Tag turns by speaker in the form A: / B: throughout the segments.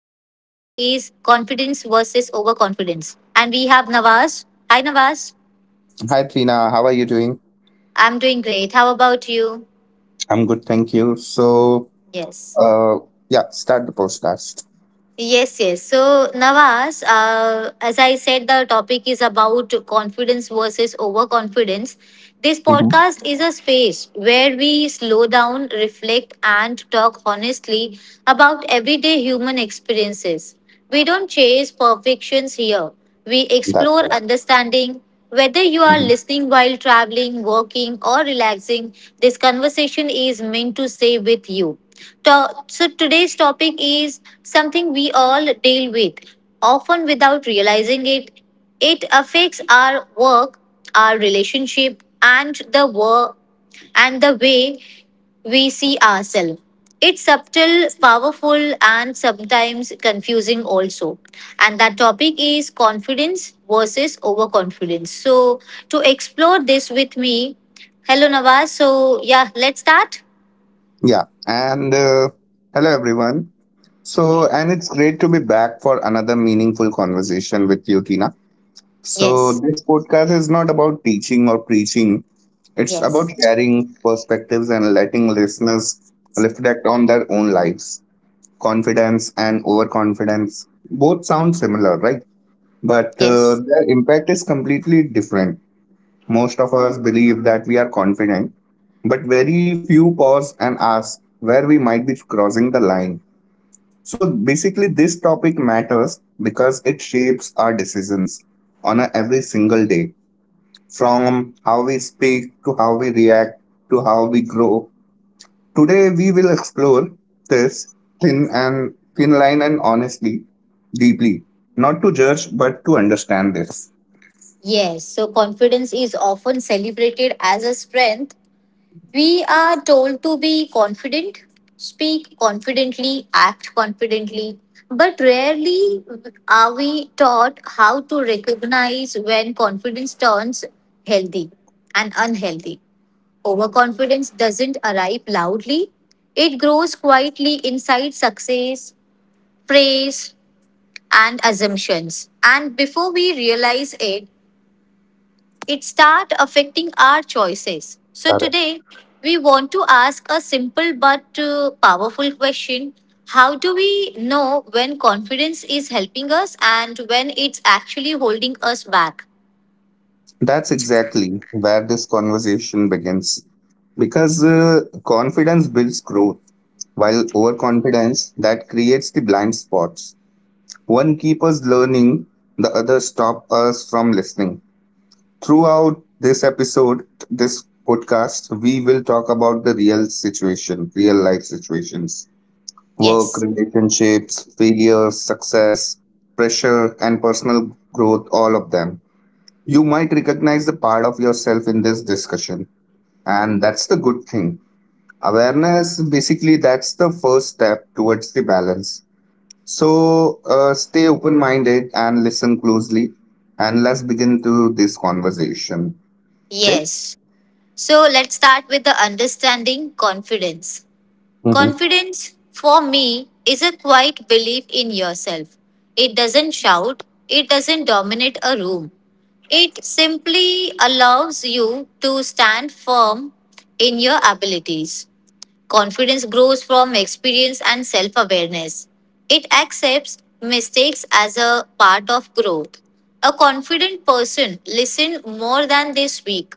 A: confidence versus overconfidence. And we have Nawaz. Hi, Nawaz.
B: Hi, Trina. How are you doing?
A: I'm doing great. How about you?
B: I'm good, thank you. So,
A: Yes.
B: uh, yeah, start the podcast.
A: Yes. So, Nawaz, as I said, the topic is about confidence versus overconfidence. This
B: hmm
A: podcast is a space where we slow down, reflect, and talk honestly about everyday human experiences. We don't chase perfections here. We
B: That's
A: explore
B: correct.
A: understanding whether you are
B: hmm
A: listening while traveling, working, or relaxing. This conversation is meant to say with you. So, today's topic is something we all deal with, often without realizing it. It affects our work, our relationship, and the work and the way we see ourselves. It's subtle, powerful, and sometimes confusing also. And that topic is confidence versus overconfidence. So, to explore this with me, hello Nawaz. So, yeah, let's start.
B: Yeah, and hello, everyone. So, and it's great to be back for another meaningful conversation with you, Tina. So,
A: Yes,
B: this podcast is not about teaching or preaching, it's about
A: yes,
B: sharing perspectives and letting listeners reflect on their own lives. Confidence and overconfidence both sound similar, right? But
A: yes,
B: their impact is completely different. Most of us believe that we are confident, but very few pause and ask where we might be crossing the line. So basically, this topic matters because it shapes our decisions on a, every single day, from how we speak to how we react to how we grow. Today, we will explore this thin and thin line and honestly, deeply, not to judge, but to understand this.
A: yes. So, confidence is often celebrated as a strength. We are told to be confident, speak confidently, act confidently, but rarely are we taught how to recognize when confidence turns healthy and unhealthy. Overconfidence doesn't arrive loudly, it grows quietly inside success, praise, and assumptions. And before we realize it, it start affecting our choices. So today we want to ask a simple but powerful question. How do we know when confidence is helping us and when it's actually holding us back?
B: That's exactly where this conversation begins. Because confidence builds growth, while overconfidence that creates the blind spots. One keeps us learning, the other stop us from listening. Throughout this episode, this podcast, we will talk about the real situation, real life situations, work,
A: Yes.
B: relationships, failures, success, pressure, and personal growth, all of them. You might recognize the part of yourself in this discussion, and that's the good thing. Awareness basically that's the first step towards the balance. So stay open minded and listen closely, and let's begin to this conversation. Okay.
A: Yes. So let's start with the understanding confidence.
B: hmm
A: Confidence, for me, is a quiet belief in yourself. It doesn't shout, it doesn't dominate a room. It simply allows you to stand firm in your abilities. Confidence grows from experience and self awareness. It accepts mistakes as a part of growth. A confident person listens more than they speak.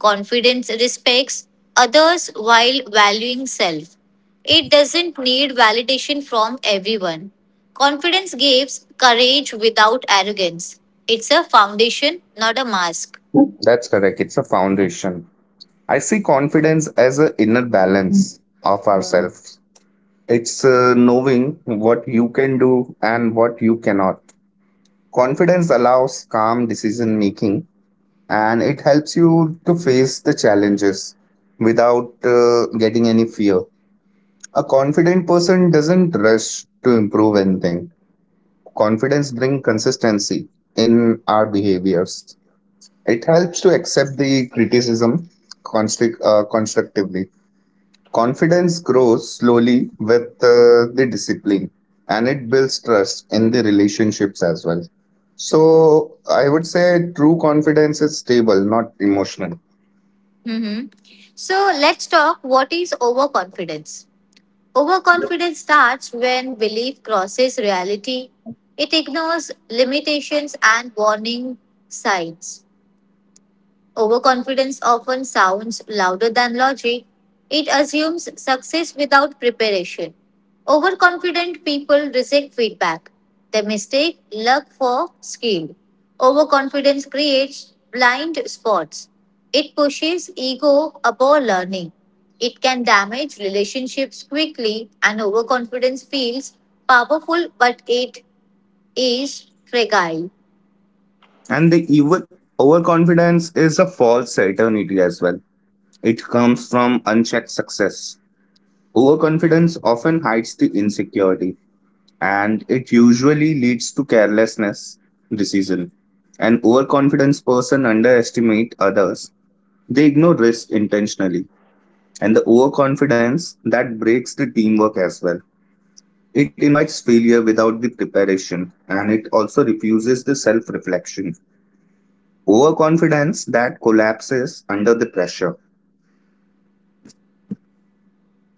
A: Confidence respects others while valuing self. It doesn't need validation from everyone. Confidence gives courage without arrogance. It's a foundation, not a mask.
B: That's correct. It's a foundation. I see confidence as an inner balance of ourselves. It's knowing what you can do and what you cannot. Confidence allows calm decision making and it helps you to face the challenges without getting any fear. A confident person doesn't rush to improve anything. Confidence brings consistency in our behaviors. It helps to accept the criticism constructively. Confidence grows slowly with the discipline and it builds trust in the relationships as well. So, I would say true confidence is stable, not emotional.
A: Mhm. So let's talk what is overconfidence. Overconfidence starts when belief crosses reality, it ignores limitations and warning signs. Overconfidence often sounds louder than logic. It assumes success without preparation. Overconfident people reject feedback. They mistake luck for skill. Overconfidence creates blind spots. It pushes ego above learning. It can damage relationships quickly, and overconfidence feels powerful, but it is fragile.
B: And the overconfidence is a false certainty as well. It comes from unchecked success. Overconfidence often hides the insecurity and it usually leads to carelessness decision. An overconfidence person underestimate others. They ignore risk intentionally. And the overconfidence that breaks the teamwork as well. It invites failure without the preparation and it also refuses the self reflection. Overconfidence that collapses under the pressure.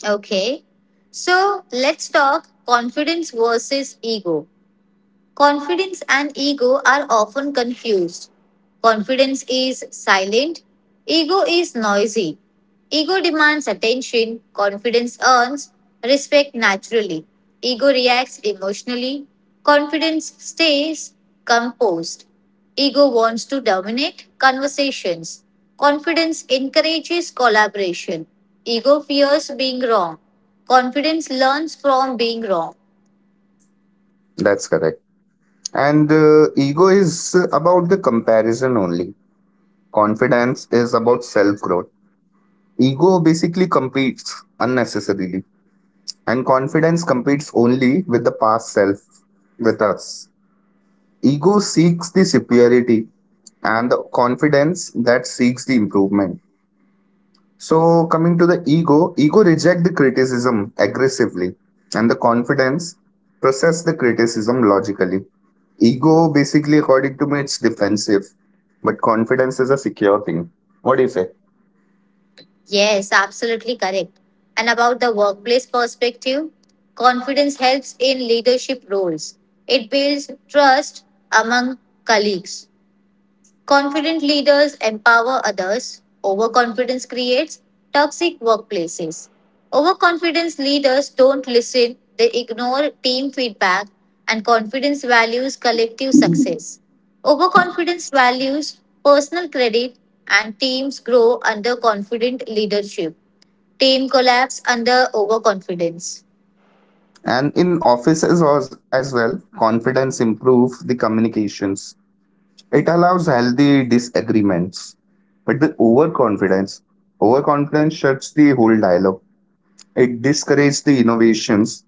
A: Okay. So let's talk confidence versus ego. Confidence and ego are often confused. Confidence is silent, ego is noisy. Ego demands attention, confidence earns respect naturally. Ego reacts emotionally, confidence stays composed. Ego wants to dominate conversations. Confidence encourages collaboration. Ego fears being wrong. Confidence learns from being wrong.
B: That's correct. And ego is about the comparison only. Confidence is about self growth. Ego basically competes unnecessarily, and confidence competes only with the past self, with us. Ego seeks the superiority, and the confidence that seeks the improvement. So coming to the ego, ego reject the criticism aggressively and the confidence process the criticism logically. Ego basically according to me it's defensive, but confidence is a secure thing. What do you say?
A: Yes, absolutely correct. And about the workplace perspective, confidence helps in leadership roles. It builds trust among colleagues. Confident leaders empower others. Overconfidence creates toxic workplaces. Overconfidence leaders don't listen, they ignore team feedback, and confidence values collective success. Overconfidence values personal credit, and teams grow under confident leadership. Team collapse under overconfidence.
B: And in offices as well, confidence improve the communications. It allows healthy disagreements. But the overconfidence, overconfidence shuts the whole dialogue. It discourages the innovations.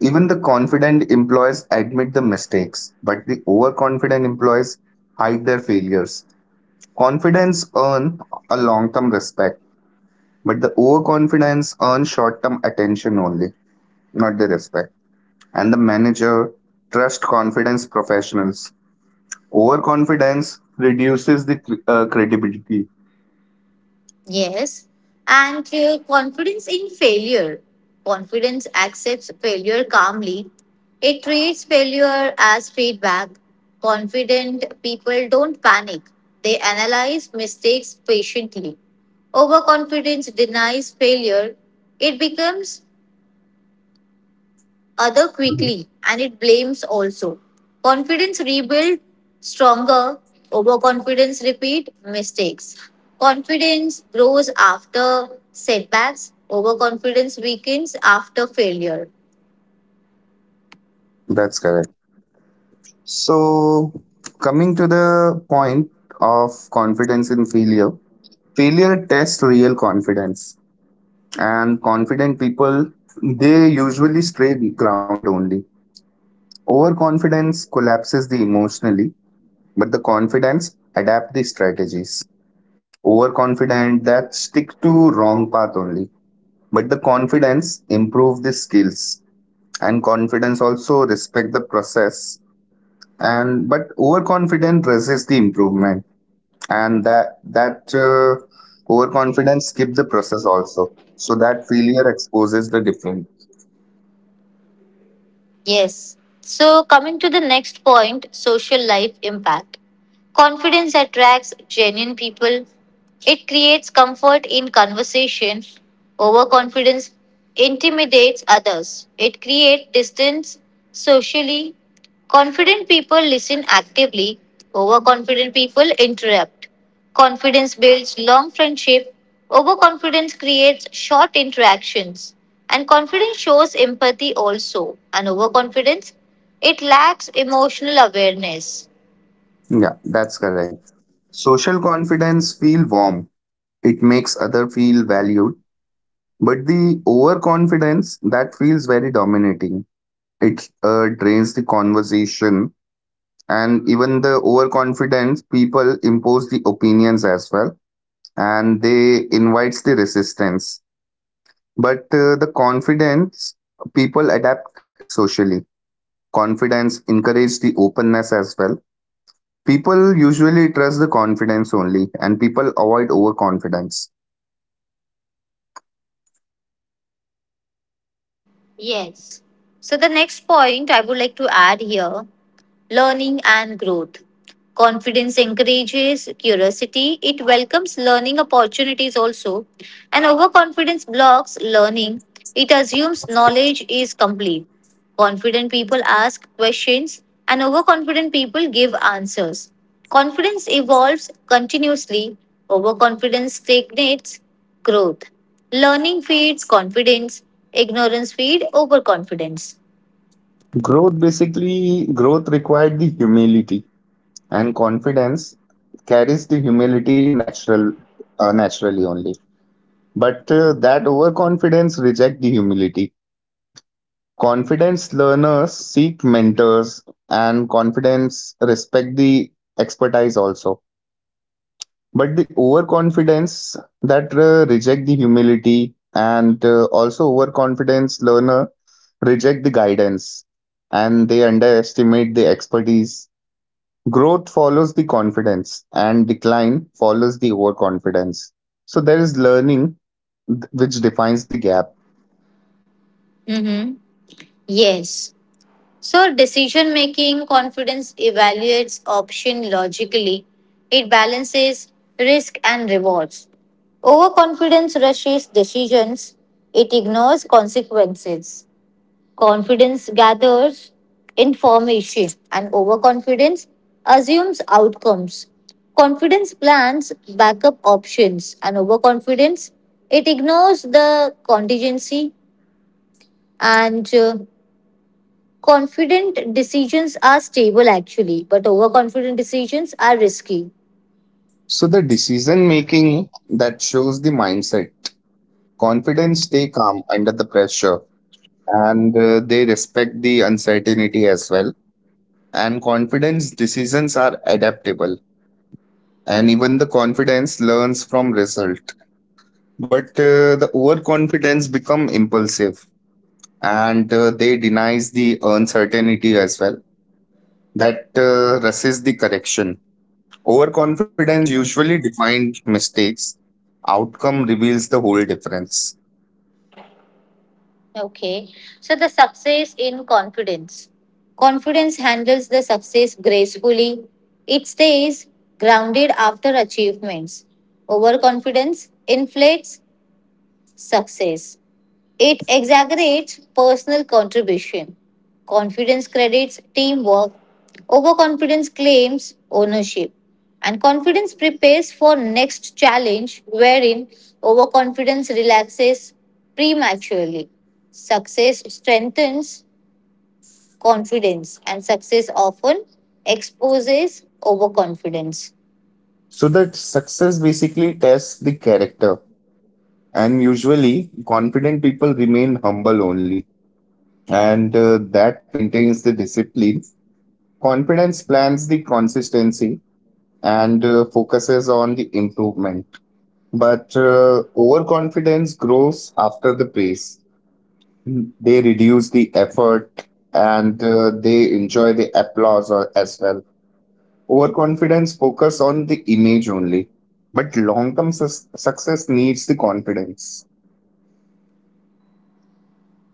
B: Even the confident employees admit the mistakes, but the overconfident employees hide their failures. Confidence earn a long-term respect, but the overconfidence earn short-term attention only, not the respect. And the manager trust confidence professionals. Overconfidence reduces the credibility.
A: Yes. And confidence in failure. Confidence accepts failure calmly. It treats failure as feedback. Confident people don't panic. They analyze mistakes patiently. Overconfidence denies failure. It becomes other quickly and it blames also. Confidence rebuild stronger, overconfidence repeat mistakes. Confidence grows after setbacks, overconfidence weakens after failure.
B: That's correct. So coming to the point of confidence in failure, failure tests real confidence and confident people they usually stay grounded only, overconfidence collapses the emotionally, but the confidence adapt the strategies, overconfident that stick to wrong path only, but the confidence improve the skills and confidence also respect the process and but overconfident resist the improvement, and that that overconfidence skip the process also, so that failure exposes the different.
A: Yes. So, coming to the next point social life impact. Confidence attracts genuine people, it creates comfort in conversation. Overconfidence intimidates others, it creates distance socially. Confident people listen actively, overconfident people interrupt. Confidence builds long friendship, overconfidence creates short interactions, and confidence shows empathy also. And overconfidence, it lacks emotional awareness.
B: Yeah, that's correct. Social confidence feel warm. It makes other feel valued. But the overconfidence that feels very dominating. It drains the conversation and even the overconfidence people impose the opinions as well and they invites the resistance. But the confidence people adapt it socially. Confidence encourages the openness as well. People usually trust the confidence only and people avoid overconfidence.
A: Yes. So the next point I would like to add here: learning and growth. Confidence encourages curiosity, it welcomes learning opportunities also, and overconfidence blocks learning. It assumes knowledge is complete. Confident people ask questions, and overconfident people give answers. Confidence evolves continuously, overconfidence stagnates growth. Learning feeds confidence, ignorance feeds overconfidence.
B: Growth basically, growth required the humility and confidence carries the humility naturally only. But that overconfidence reject the humility. Confidence learners seek mentors and confidence respect the expertise also. But the overconfidence that reject the humility and also overconfidence learner reject the guidance and they underestimate the expertise. Growth follows the confidence, and decline follows the overconfidence. So there is learning which defines the gap.
A: Mm-hmm. Yes. So, decision making confidence evaluates option logically. It balances risk and rewards. Overconfidence rushes decisions. It ignores consequences. Confidence gathers information and overconfidence assumes outcomes. Confidence plans backup options and overconfidence it ignores the contingency and confident decisions are stable actually, but overconfident decisions are risky.
B: So the decision making that shows the mindset. Confidence stay calm under the pressure and they respect the uncertainty as well. And confidence decisions are adaptable. And even the confidence learns from result. But the overconfidence become impulsive and they denies the uncertainty as well that resists the correction. Overconfidence usually defines mistakes. Outcome reveals the whole difference.
A: Okay. So the success in confidence. Confidence handles the success gracefully. It stays grounded after achievements. Overconfidence inflates success. It exaggerates personal contribution. Confidence credits teamwork. Overconfidence claims ownership. And confidence prepares for next challenge wherein overconfidence relaxes prematurely. Success strengthens confidence and success often exposes overconfidence.
B: So that success basically tests the character, and usually confident people remain humble only, and that maintains the discipline. Confidence plans the consistency and focuses on the improvement, but overconfidence grows after the pace. They reduce the effort and they enjoy the applause or, as well. Overconfidence focus on the image only, but success needs the confidence.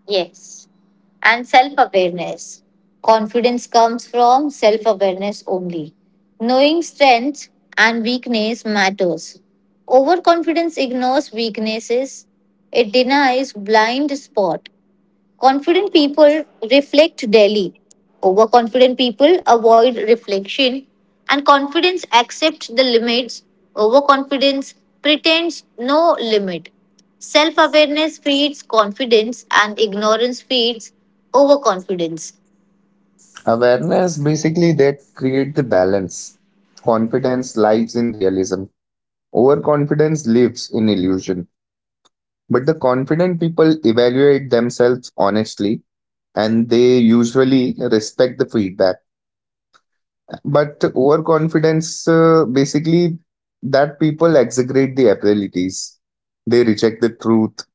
A: Yes. And self awareness. Confidence comes from self awareness only. Knowing strength and weakness matters. Overconfidence ignores weaknesses, it denies blind spot. Confident people reflect daily. Overconfident people avoid reflection. And confidence accepts the limits. Overconfidence pretends no limit. Self awareness feeds confidence, and ignorance feeds overconfidence.
B: Awareness basically that create the balance. Confidence lies in realism. Overconfidence lives in illusion. But the confident people evaluate themselves honestly and they usually respect the feedback. But overconfidence, basically, that people exaggerate the abilities. They reject the truth.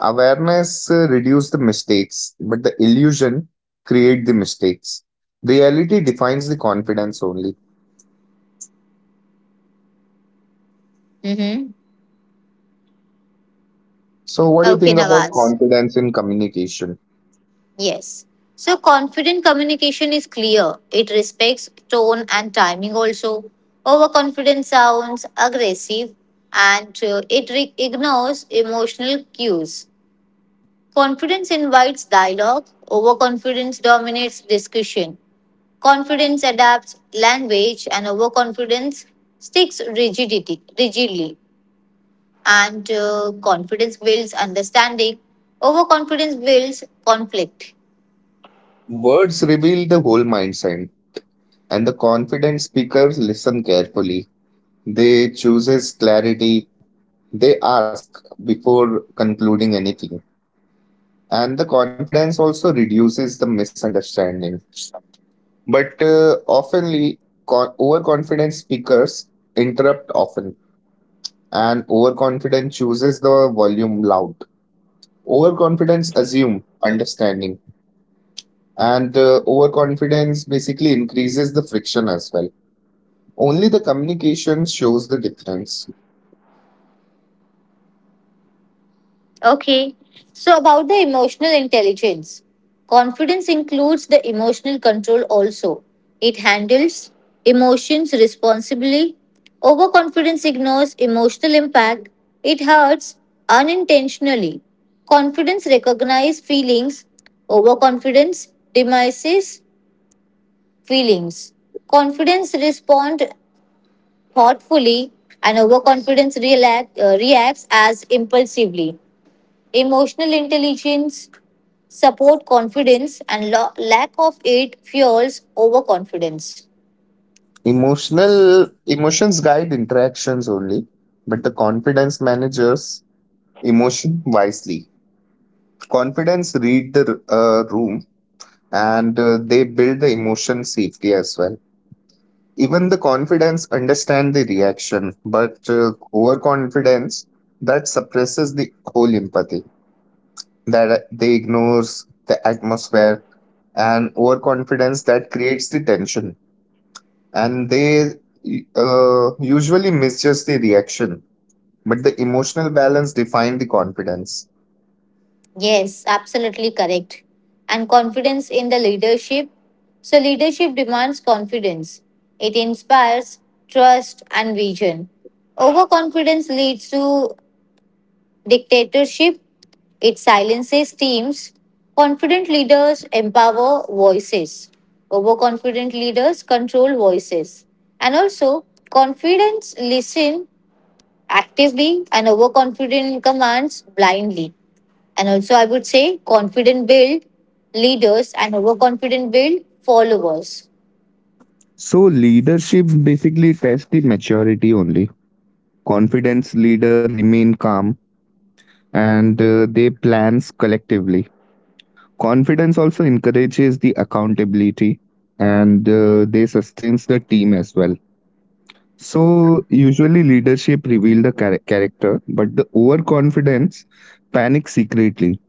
B: Awareness reduce the mistakes, but the illusion create the mistakes. Reality defines the confidence only.
A: Mm-hmm.
B: So, what do you
A: Okay,
B: think about
A: Nawaz.
B: confidence in communication?
A: Yes. So confident communication is clear. It respects tone and timing also. Overconfident sounds aggressive and ignores emotional cues. Confidence invites dialogue. Overconfidence dominates discussion. Confidence adapts language and overconfidence sticks rigidity rigidly. And confidence builds understanding. Overconfidence builds conflict.
B: Words reveal the whole mindset, and the confident speakers listen carefully. They chooses clarity. They ask before concluding anything and the confidence also reduces the misunderstanding. But oftenly, overconfident speakers interrupt often, and overconfident chooses the volume loud. Overconfidence assume understanding, and overconfidence basically increases the friction as well. Only the communication shows the difference.
A: Okay. So, about the emotional intelligence, confidence includes the emotional control also. It handles emotions responsibly. Overconfidence ignores emotional impact. It hurts unintentionally. Confidence recognizes feelings. Overconfidence demises feelings. Confidence responds thoughtfully, and overconfidence reacts as impulsively. Emotional intelligence support confidence and lack of it fuels overconfidence.
B: Emotional Emotions guide interactions only, but the confidence managers emotion wisely, confidence read the room and they build the emotion safety as well, even the confidence understand the reaction, but overconfidence that suppresses the whole empathy, that they ignores the atmosphere and overconfidence that creates the tension and they usually misjudge the reaction, but the emotional balance define the confidence.
A: Yes, absolutely correct. And confidence in the leadership. So leadership demands confidence. It inspires trust and vision. Overconfidence leads to dictatorship, it silences teams. Confident leaders empower voices. Overconfident leaders control voices. And also, confidence listen actively and overconfident commands blindly. And also, I would say confident build leaders and overconfident build followers.
B: So leadership basically tests the maturity only. Confidence leader remain calm and they plans collectively. Confidence also encourages the accountability and they sustains the team as well. So usually leadership reveal the character, but the overconfidence panic secretly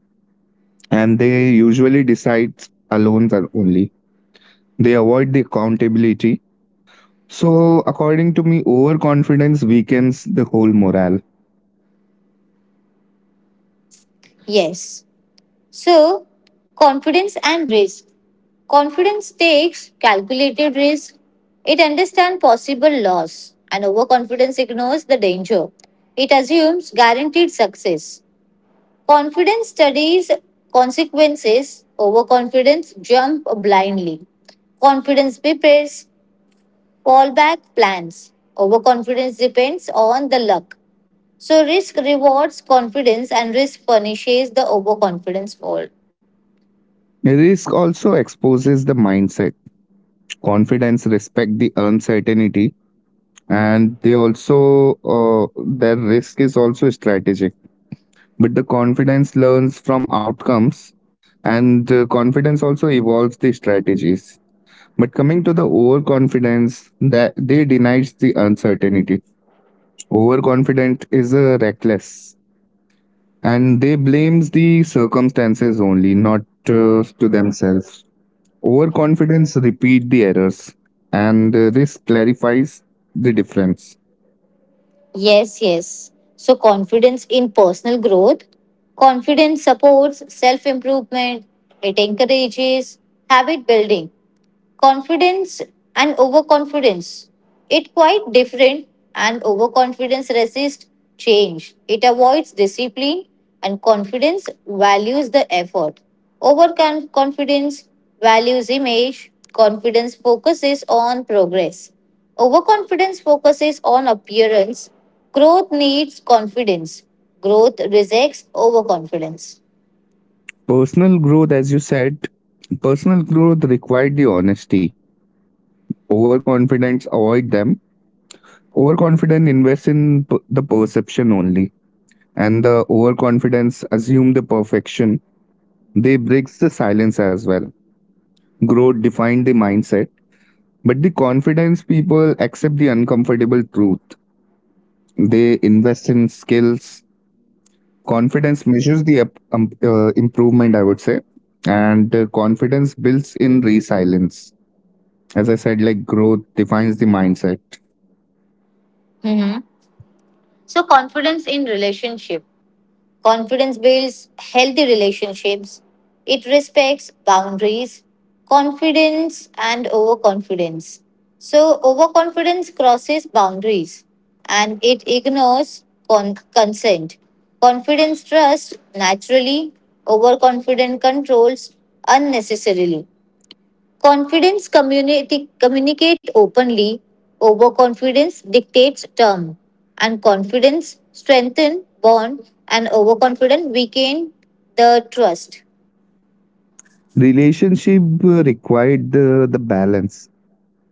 B: and they usually decide alone than only. They avoid the accountability. So according to me, overconfidence weakens the whole morale.
A: Yes. So, confidence and risk. Confidence takes calculated risk. It understands possible loss, and overconfidence ignores the danger. It assumes guaranteed success. Confidence studies consequences. Overconfidence jump blindly. Confidence prepares fallback plans. Overconfidence depends on the luck. So risk rewards confidence and risk punishes the overconfidence fault.
B: Risk also exposes the mindset, confidence, respect the uncertainty, and they also their risk is also strategic. But the confidence learns from outcomes, and confidence also evolves the strategies. But coming to the overconfidence, that they denies the uncertainty. Overconfident is a reckless, and they blames the circumstances only, not to themselves. Overconfidence repeat the errors and risk clarifies the difference.
A: Yes. So, confidence in personal growth. Confidence supports self improvement, it encourages habit building, confidence and overconfidence it quite different and overconfidence resists change, it avoids discipline and confidence values the effort, overconfidence values image, confidence focuses on progress, overconfidence focuses on appearance, growth needs confidence, growth rejects overconfidence.
B: Personal growth, as you said, personal growth required the honesty. Overconfidence avoid them. Overconfident invest in the perception only. And the overconfidence assume the perfection. They breaks the silence as well. Growth define the mindset. But the confidence people accept the uncomfortable truth. They invest in skills. Confidence measures the improvement, I would say, and confidence builds in resilience. As I said, like growth defines the mindset.
A: Mhm. So confidence in relationship. Confidence builds healthy relationships. It respects boundaries, confidence, and overconfidence. So, overconfidence crosses boundaries and it ignores consent. Confidence trusts naturally, overconfident controls unnecessarily. Confidence community communicate openly. Overconfidence dictates term, and confidence strengthen bond, and overconfident weaken the trust.
B: Relationship required the balance.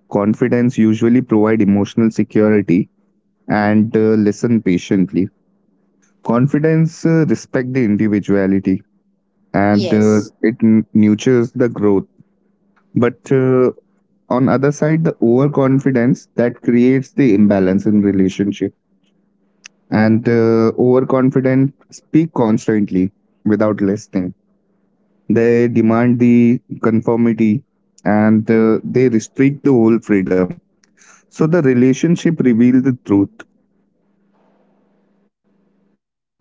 B: Confidence usually provide emotional security and listen patiently. Confidence respect the individuality and it
A: Yes.
B: nurtures the growth. But on other side, the overconfidence that creates the imbalance in relationship. And overconfident speak constantly without listening. They demand the conformity and they restrict the whole freedom. So the relationship reveals the truth.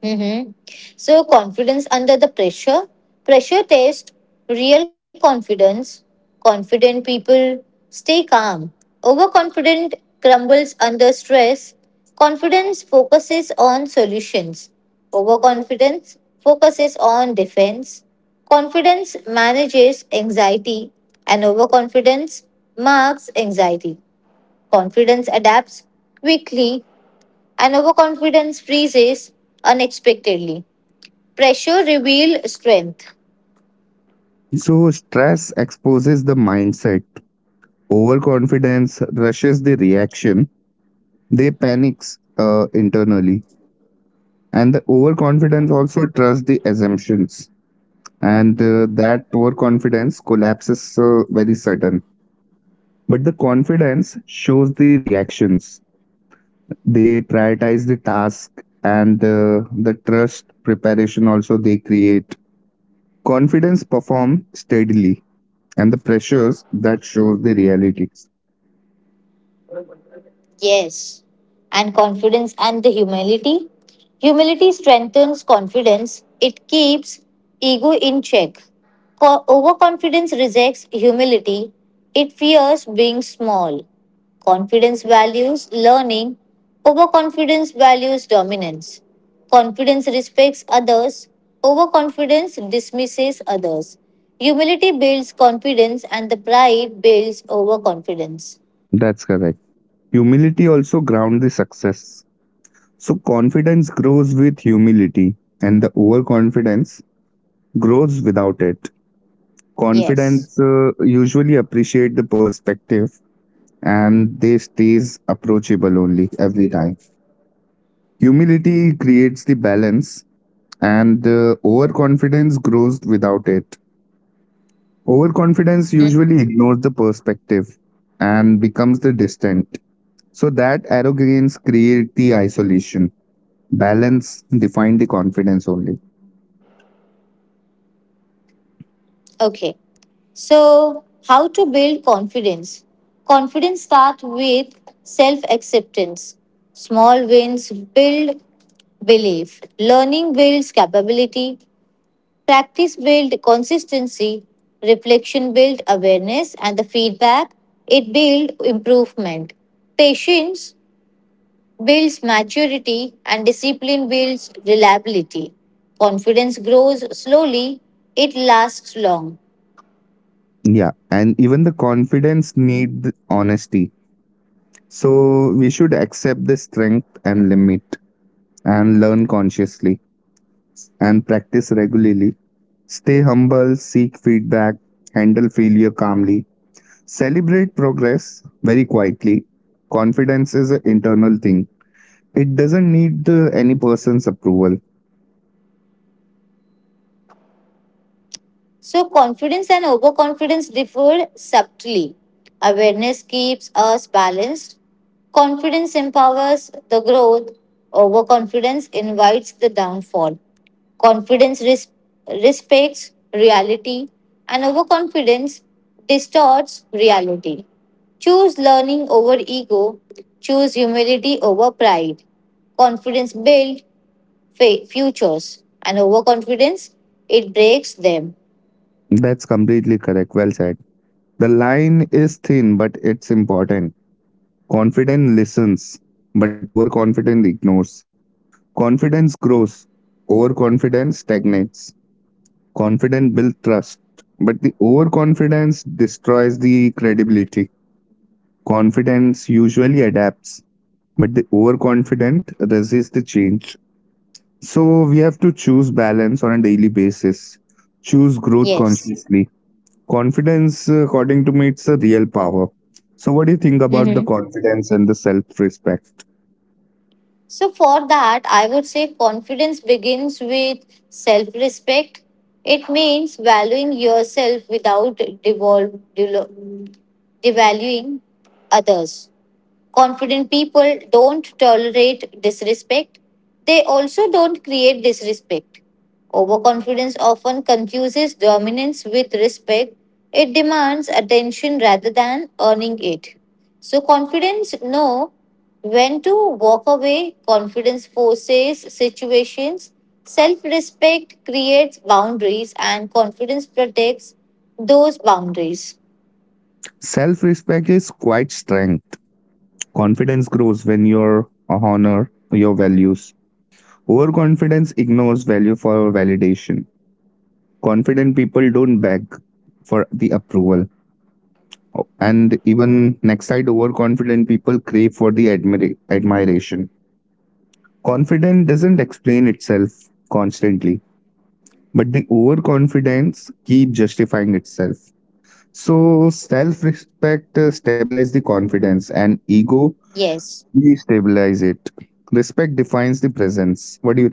A: Mm-hmm. So, confidence under the pressure, pressure test, real confidence. Confident people stay calm. Overconfident crumbles under stress. Confidence focuses on solutions. Overconfidence focuses on defense. Confidence manages anxiety, and overconfidence marks anxiety. Confidence adapts quickly and overconfidence freezes unexpectedly. Pressure reveals strength.
B: So stress exposes the mindset. Overconfidence rushes the reaction. They panics internally, and the overconfidence also trusts the assumptions, and that overconfidence collapses very sudden. But the confidence shows the reactions. They prioritize the task and the trust preparation also they create. Confidence perform steadily and the pressures that shows the realities.
A: Yes. And confidence and the humility. Humility strengthens confidence, it keeps ego in check. Overconfidence rejects humility, it fears being small. Confidence values learning, overconfidence values dominance. Confidence respects others, overconfidence dismisses others. Humility builds confidence, and the pride builds overconfidence.
B: That's correct. Humility also ground the success. So confidence grows with humility and the overconfidence grows without it.
A: Yes.
B: Confidence usually appreciate the perspective and they stays approachable only every time. Humility creates the balance, and overconfidence grows without it. Overconfidence usually ignores the perspective and becomes the distant. So that arrogance creates the isolation. Balance define the confidence only.
A: Okay, so how to build confidence? Confidence starts with self acceptance. Small wins build belief. Learning builds capability. Practice builds consistency. Reflection builds awareness. And the feedback, it builds improvement. Patience builds maturity. And discipline builds reliability. Confidence grows slowly, it lasts long.
B: Yeah, and even the confidence need the honesty. So we should accept the strength and limit and learn consciously and practice regularly. Stay humble, seek feedback, handle failure calmly, celebrate progress very quietly. Confidence is an internal thing, it doesn't need any person's approval.
A: So, confidence and overconfidence differ subtly. Awareness keeps us balanced. Confidence empowers the growth. Overconfidence invites the downfall. Confidence res- respects reality, and overconfidence distorts reality. Choose learning over ego. Choose humility over pride. Confidence builds futures, and overconfidence it breaks them.
B: That's completely correct. Well said. The line is thin, but it's important. Confident listens, but overconfident ignores. Confidence grows, overconfidence stagnates. Confident builds trust, but the overconfidence destroys the credibility. Confidence usually adapts, but the overconfident resists the change. So we have to choose balance on a daily basis. Choose growth
A: Yes.
B: consciously. Confidence, according to me, it's a real power. So what do you think about the
A: Hmm.
B: confidence and the self-respect?
A: So, for that, I would say confidence begins with self respect. It means valuing yourself without devaluing others. Confident people don't tolerate disrespect. They also don't create disrespect. Overconfidence often confuses dominance with respect. It demands attention rather than earning it. So, confidence know when to walk away. Confidence forces situations. Self respect creates boundaries, and confidence protects those boundaries.
B: Self-respect is quite strength. Confidence grows when you honor your values. Overconfidence ignores value for validation. Confident people don't beg for the approval. Oh, and even next side overconfident people crave for the admiration. Confidence doesn't explain itself constantly, but the overconfidence keep justifying itself. So self-respect stabilize the confidence and ego
A: Yes.
B: destabilize it. Respect defines the presence. What do you think?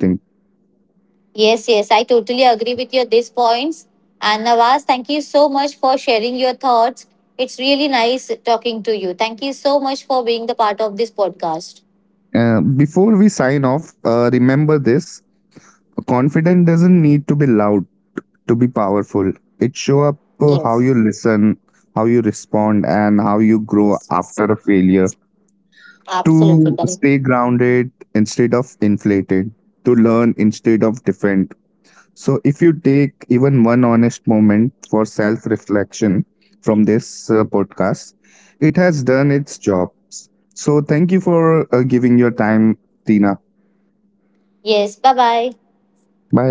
A: Yes, I totally agree with your these points. And Nawaz, thank you so much for sharing your thoughts. It's really nice talking to you. Thank you so much for being the part of this podcast.
B: Before we sign off, remember this. Confidence doesn't need to be loud to be powerful. It show up how you
A: Yes.
B: listen, how you respond, and how you grow
A: Yes,
B: after a
A: yes.
B: failure. To
A: Absolutely
B: stay
A: correct.
B: grounded instead of inflated, to learn instead of defend. So, if you take even one honest moment for self reflection from this podcast, it has done its job. So, thank you for giving your time, Tina.
A: Yes, bye bye.
B: Bye.